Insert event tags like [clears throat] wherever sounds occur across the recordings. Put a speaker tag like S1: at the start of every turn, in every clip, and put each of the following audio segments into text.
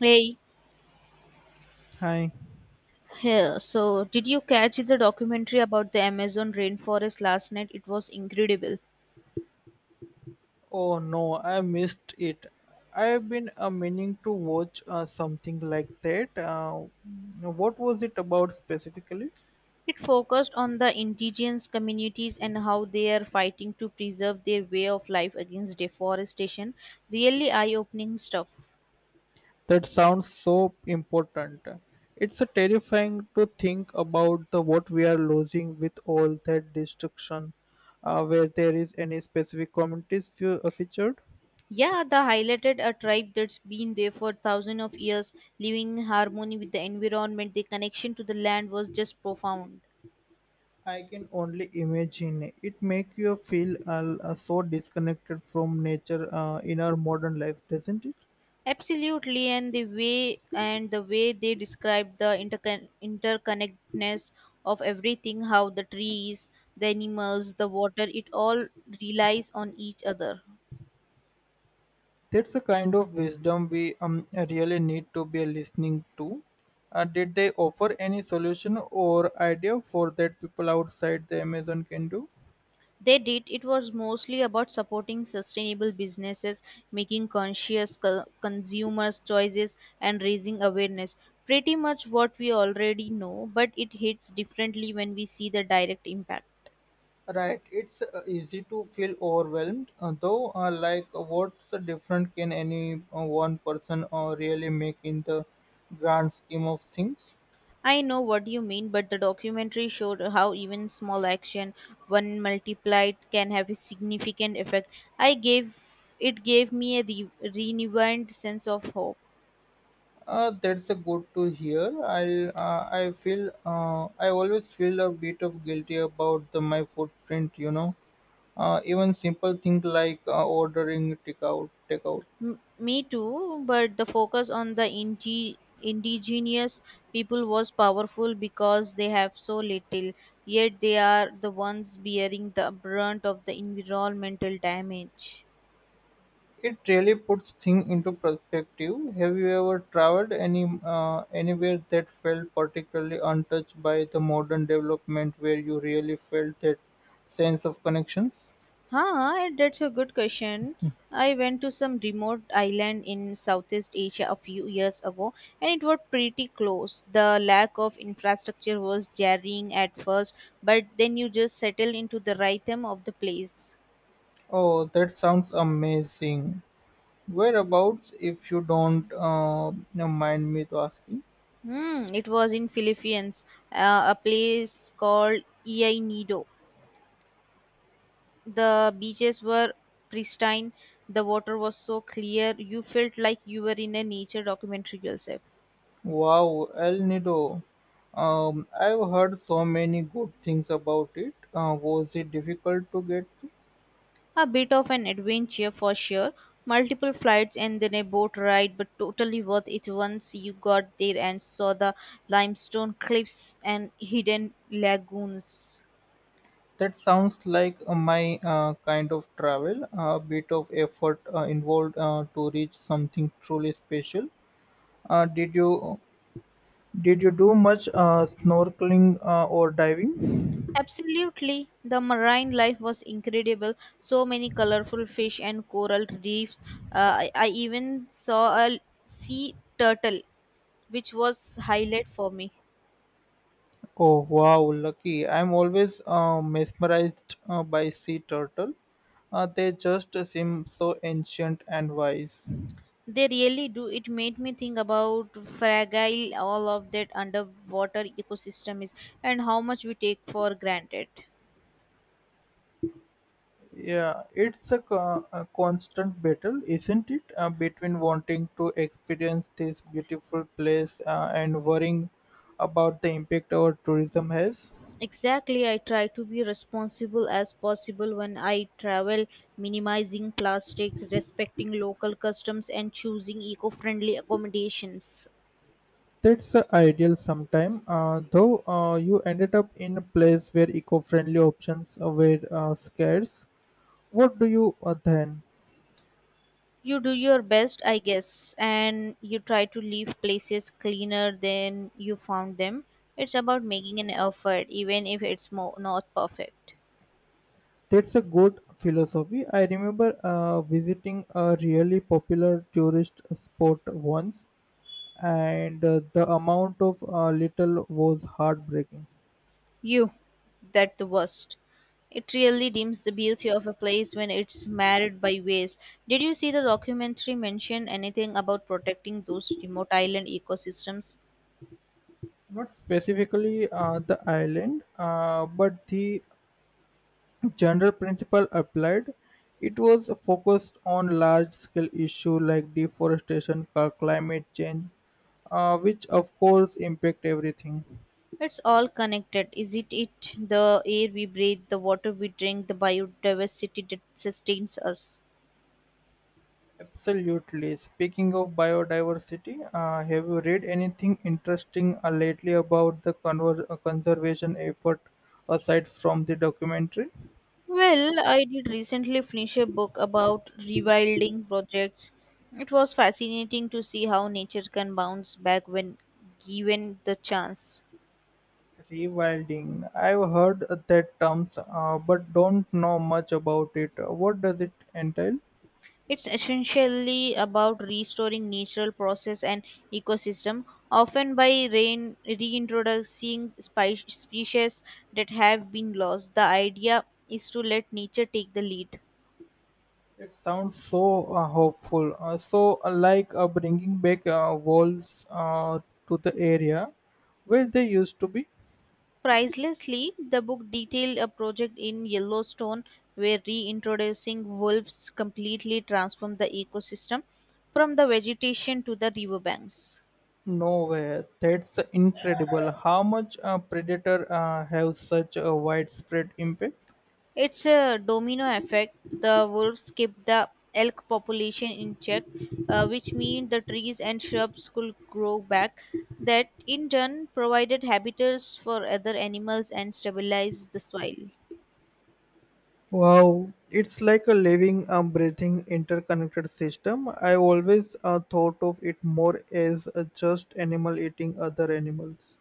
S1: Hey,
S2: Hi.
S1: here. So, did you catch the documentary about the Amazon rainforest last night? It was incredible.
S2: Oh no, I missed it. I've been meaning to watch something like that. What was it about specifically?
S1: It focused on the indigenous communities and how they are fighting to preserve their way of life against deforestation. Really eye opening stuff.
S2: That sounds so important. It's a terrifying to think about the what we are losing with all that destruction. Where there is any specific communities featured,
S1: Yeah, they highlighted a tribe that's been there for thousands of years, living in harmony with the environment. Their connection to the land was just profound.
S2: I can only imagine. It makes you feel so disconnected from nature in our modern life, doesn't it?
S1: Absolutely, and the way they describe the interconnectedness of everything, how the trees, the animals, the water, it all relies on each other.
S2: That's a kind of wisdom we really need to be listening to. Did they offer any solution or idea for that people outside the Amazon can do?
S1: They did. It was mostly about supporting sustainable businesses, making conscious consumers choices, and raising awareness. Pretty much what we already know, but it hits differently when we see the direct impact.
S2: Right, it's easy to feel overwhelmed, though. What's the difference can any one person really make in the grand scheme of things?
S1: I know what you mean, but the documentary showed how even small action, when multiplied, can have a significant effect. I gave it gave me a renewed sense of hope.
S2: That's a good to hear. I feel I always feel a bit of guilty about my footprint, Even simple things like ordering takeout.
S1: Me too, but the focus on the indigenous people was powerful because they have so little, yet they are the ones bearing the brunt of the environmental damage.
S2: It really puts things into perspective. Have you ever traveled any anywhere that felt particularly untouched by the modern development, where you really felt that sense of connections?
S1: That's a good question. I went to some remote island in Southeast Asia a few years ago and it was pretty close. The lack of infrastructure was jarring at first, but then you just settle into the rhythm of the place.
S2: Oh, that sounds amazing. Whereabouts, if you don't mind me to asking?
S1: It was in Philippines, a place called Iay Nido. The beaches were pristine, the water was so clear, you felt like you were in a nature documentary yourself.
S2: Wow, El Nido. I've heard so many good things about it. Was it difficult to get?
S1: A bit of an adventure for sure. Multiple flights and then a boat ride, but totally worth it once you got there and saw the limestone cliffs and hidden lagoons.
S2: That sounds like my kind of travel. A bit of effort involved to reach something truly special. Did you did you do much snorkeling or diving?
S1: Absolutely, the marine life was incredible. So many colorful fish and coral reefs. I even saw a sea turtle, which was highlight for me.
S2: Oh wow, lucky! I'm always mesmerized by sea turtle. They just seem so ancient and wise.
S1: They really do. It made me think about fragile all of that underwater ecosystem is and how much we take for granted.
S2: Yeah, it's a constant battle, isn't it? Between wanting to experience this beautiful place and worrying about the impact our tourism has.
S1: Exactly, I try to be responsible as possible when I travel, minimizing plastics, respecting local customs, and choosing eco friendly accommodations.
S2: That's the ideal sometime, though you ended up in a place where eco-friendly options were scarce. What do you then?
S1: You do your best, I guess, and you try to leave places cleaner than you found them. It's about making an effort, even if it's not perfect.
S2: That's a good philosophy. I remember visiting a really popular tourist spot once and the amount of little was heartbreaking.
S1: You, that the worst. It really dims the beauty of a place when it's marred by waste. Did you see the documentary mention anything about protecting those remote island ecosystems?
S2: Not specifically the island, but the general principle applied. It was focused on large scale issue like deforestation, climate change, which of course impact everything.
S1: It's all connected. Is it the air we breathe, the water we drink, the biodiversity that sustains us?
S2: Absolutely. Speaking of biodiversity, have you read anything interesting lately about the conservation effort aside from the documentary?
S1: Well, I did recently finish a book about rewilding projects. It was fascinating to see how nature can bounce back when given the chance.
S2: Rewilding. I've heard that terms, but don't know much about it. What does it entail?
S1: It's essentially about restoring natural process and ecosystem, often by rein- reintroducing species that have been lost. The idea is to let nature take the lead.
S2: It sounds so hopeful. So, like, bringing back wolves to the area where they used to be.
S1: Pricelessly, the book detailed a project in Yellowstone where reintroducing wolves completely transformed the ecosystem from the vegetation to the riverbanks.
S2: No way. That's incredible. How much predator have such a widespread impact?
S1: It's a domino effect. The wolves keep the elk population in check, which means the trees and shrubs could grow back. That in turn provided habitats for other animals and stabilized the soil.
S2: Wow, it's like a living, breathing, interconnected system. I always thought of it more as just animal eating other animals.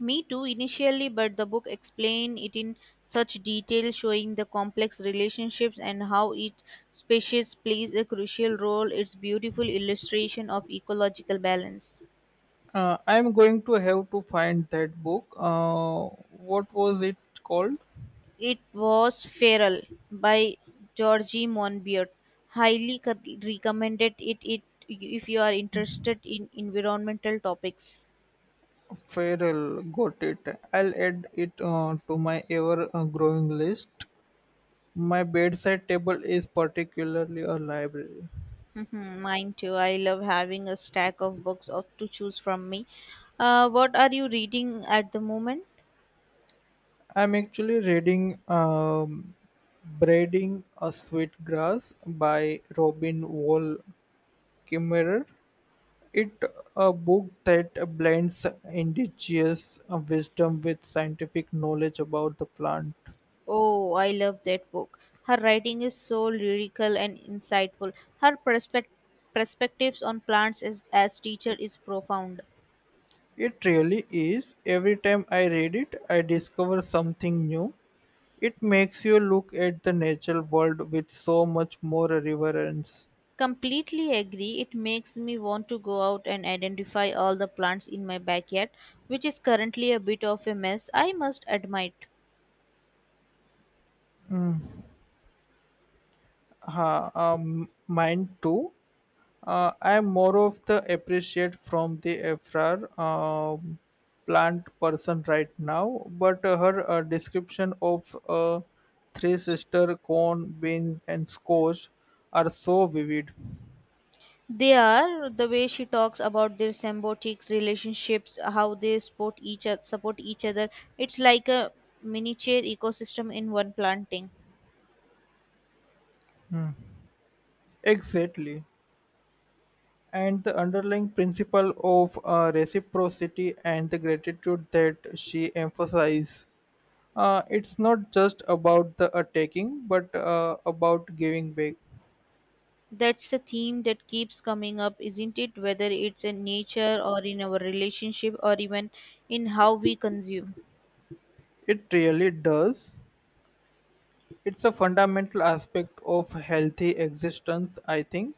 S1: Me too, initially, but the book explained it in such detail, showing the complex relationships and how each species plays a crucial role. It's beautiful illustration of ecological balance.
S2: I'm going to have to find that book. What was it called?
S1: It was Feral by Georgie Monbiot. Highly recommended it if you are interested in environmental topics.
S2: Feral. Got it. I'll add it to my ever-growing list. My bedside table is particularly a library.
S1: Mhm, mine too. I love having a stack of books of, to choose from me. What are you reading at the moment?
S2: I'm actually reading Braiding a Sweet Grass by Robin Wall Kimmerer. It a book that blends indigenous wisdom with scientific knowledge about the plant.
S1: Oh, I love that book. Her writing is so lyrical and insightful. Her perspectives on plants is, as teacher is profound.
S2: It really is. Every time I read it, I discover something new. It makes you look at the natural world with so much more reverence.
S1: Completely agree. It makes me want to go out and identify all the plants in my backyard, which is currently a bit of a mess, I must admit.
S2: Mine too. I'm more of the appreciate from the afrar plant person right now, but her description of three sister corn, beans, and squash are so vivid.
S1: They are the way she talks about their symbiotic relationships, how they support each other, support each other. It's like a miniature ecosystem in one planting.
S2: Exactly, and the underlying principle of reciprocity and the gratitude that she emphasized. It's not just about the taking, but about giving back.
S1: That's a theme that keeps coming up, isn't it? Whether it's in nature or in our relationship or even in how we consume.
S2: It really does, it's a fundamental aspect of healthy existence, I think.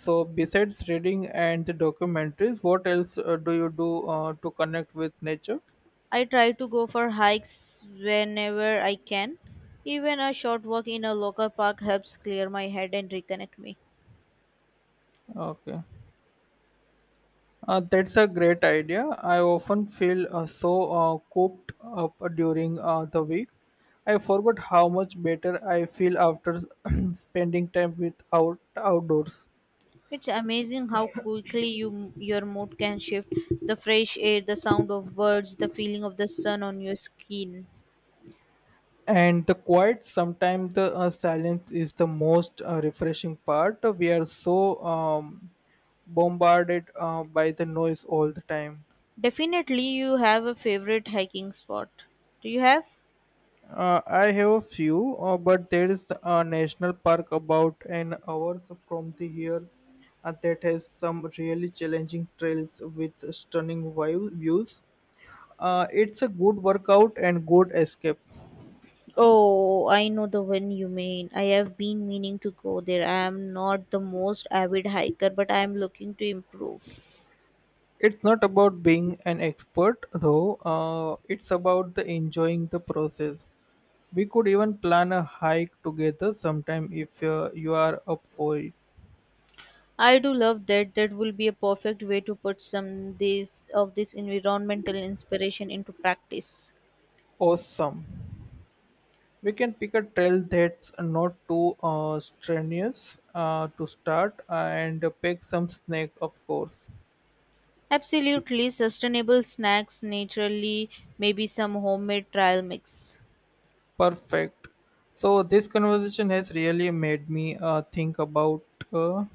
S2: So besides reading and the documentaries what else do you do to connect with nature?
S1: I try to go for hikes whenever I can. Even a short walk in a local park helps clear my head and reconnect me.
S2: Okay, that's a great idea. I often feel so cooped up during the week. I forgot how much better I feel after [clears throat] spending time with outdoors.
S1: It's amazing how quickly your mood can shift. The fresh air, the sound of birds, the feeling of the sun on your skin.
S2: And the quiet, sometimes the silence is the most refreshing part. We are so bombarded by the noise all the time.
S1: Definitely you have a favorite hiking spot. Do you have?
S2: I have a few but there is a national park about an hour from the here that has some really challenging trails with stunning views. It's a good workout and good escape.
S1: Oh, I know the one you mean. I have been meaning to go there. I am not the most avid hiker, but I am looking to improve.
S2: It's not about being an expert though, it's about the enjoying the process. We could even plan a hike together sometime if you are up for it.
S1: I do love that. That will be a perfect way to put some this of this environmental inspiration into practice.
S2: Awesome. We can pick a trail that's not too strenuous to start and pick some snake, of course.
S1: Absolutely sustainable snacks naturally, maybe some homemade trial mix.
S2: Perfect. So, this conversation has really made me think about uh,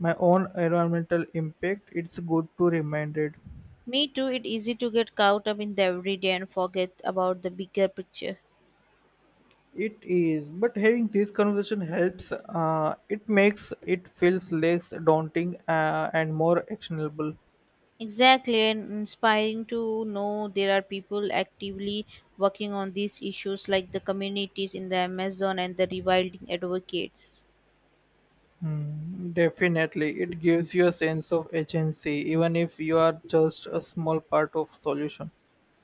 S2: my own environmental impact. It's good to reminded.
S1: Me too, it's easy to get caught up in the everyday and forget about the bigger picture.
S2: It is, but having this conversation helps. It makes it feels less daunting and more actionable.
S1: Exactly, and inspiring to know there are people actively working on these issues like the communities in the Amazon and the rewilding advocates.
S2: Hmm, definitely, it gives you a sense of agency, even if you are just a small part of solution.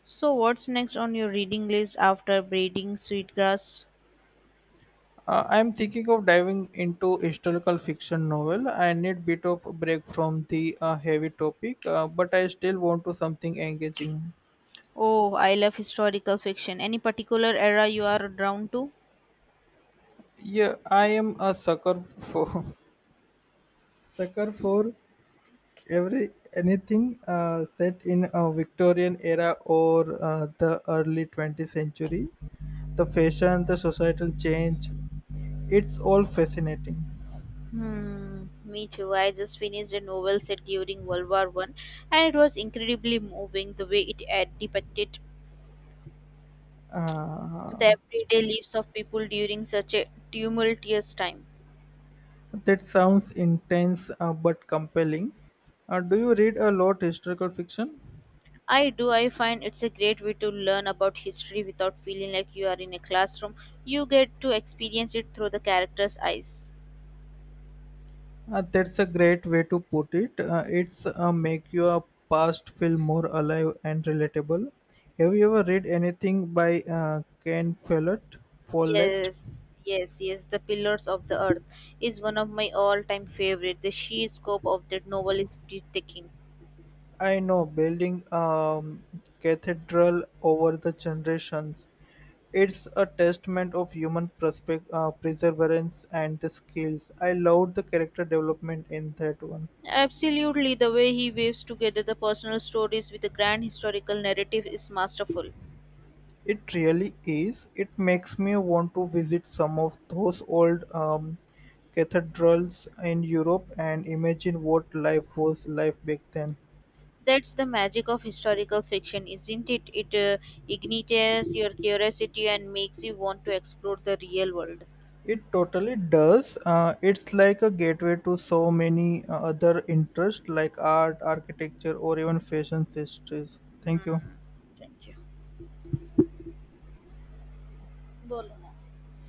S1: So, what's next on your reading list after Braiding Sweetgrass?
S2: I am thinking of diving into historical fiction novel. I need bit of break from the heavy topic, but I still want to something engaging.
S1: Oh, I love historical fiction. Any particular era you are drawn to?
S2: Yeah, I am a sucker for [laughs] sucker for every anything set in a Victorian era or the early 20th century, the fashion, the societal change, it's all fascinating.
S1: Hmm, me too. I just finished a novel set during World War I, and it was incredibly moving the way it had depicted
S2: Uh,
S1: the everyday lives of people during such a tumultuous time.
S2: that sounds intense but compelling. Do you read a lot historical fiction?
S1: I do. I find it's a great way to learn about history without feeling like you are in a classroom. You get to experience it through the characters' eyes.
S2: That's a great way to put it. It's make your past feel more alive and relatable. Have you ever read anything by Ken Follett?
S1: Yes, yes, yes. The Pillars of the Earth is one of my all-time favorite. The sheer scope of that novel is breathtaking.
S2: I know, building a cathedral over the generations. It's a testament of human perseverance and the skills. I loved the character development in that one.
S1: Absolutely, the way he weaves together the personal stories with the grand historical narrative is masterful.
S2: It really is. It makes me want to visit some of those old cathedrals in Europe and imagine what life was like back then.
S1: That's the magic of historical fiction, isn't it? It ignites your curiosity and makes you want to explore the real world.
S2: It totally does. It's like a gateway to so many other interests like art, architecture, or even fashion histories. Thank you.
S1: Hmm. Thank you. बोलो ना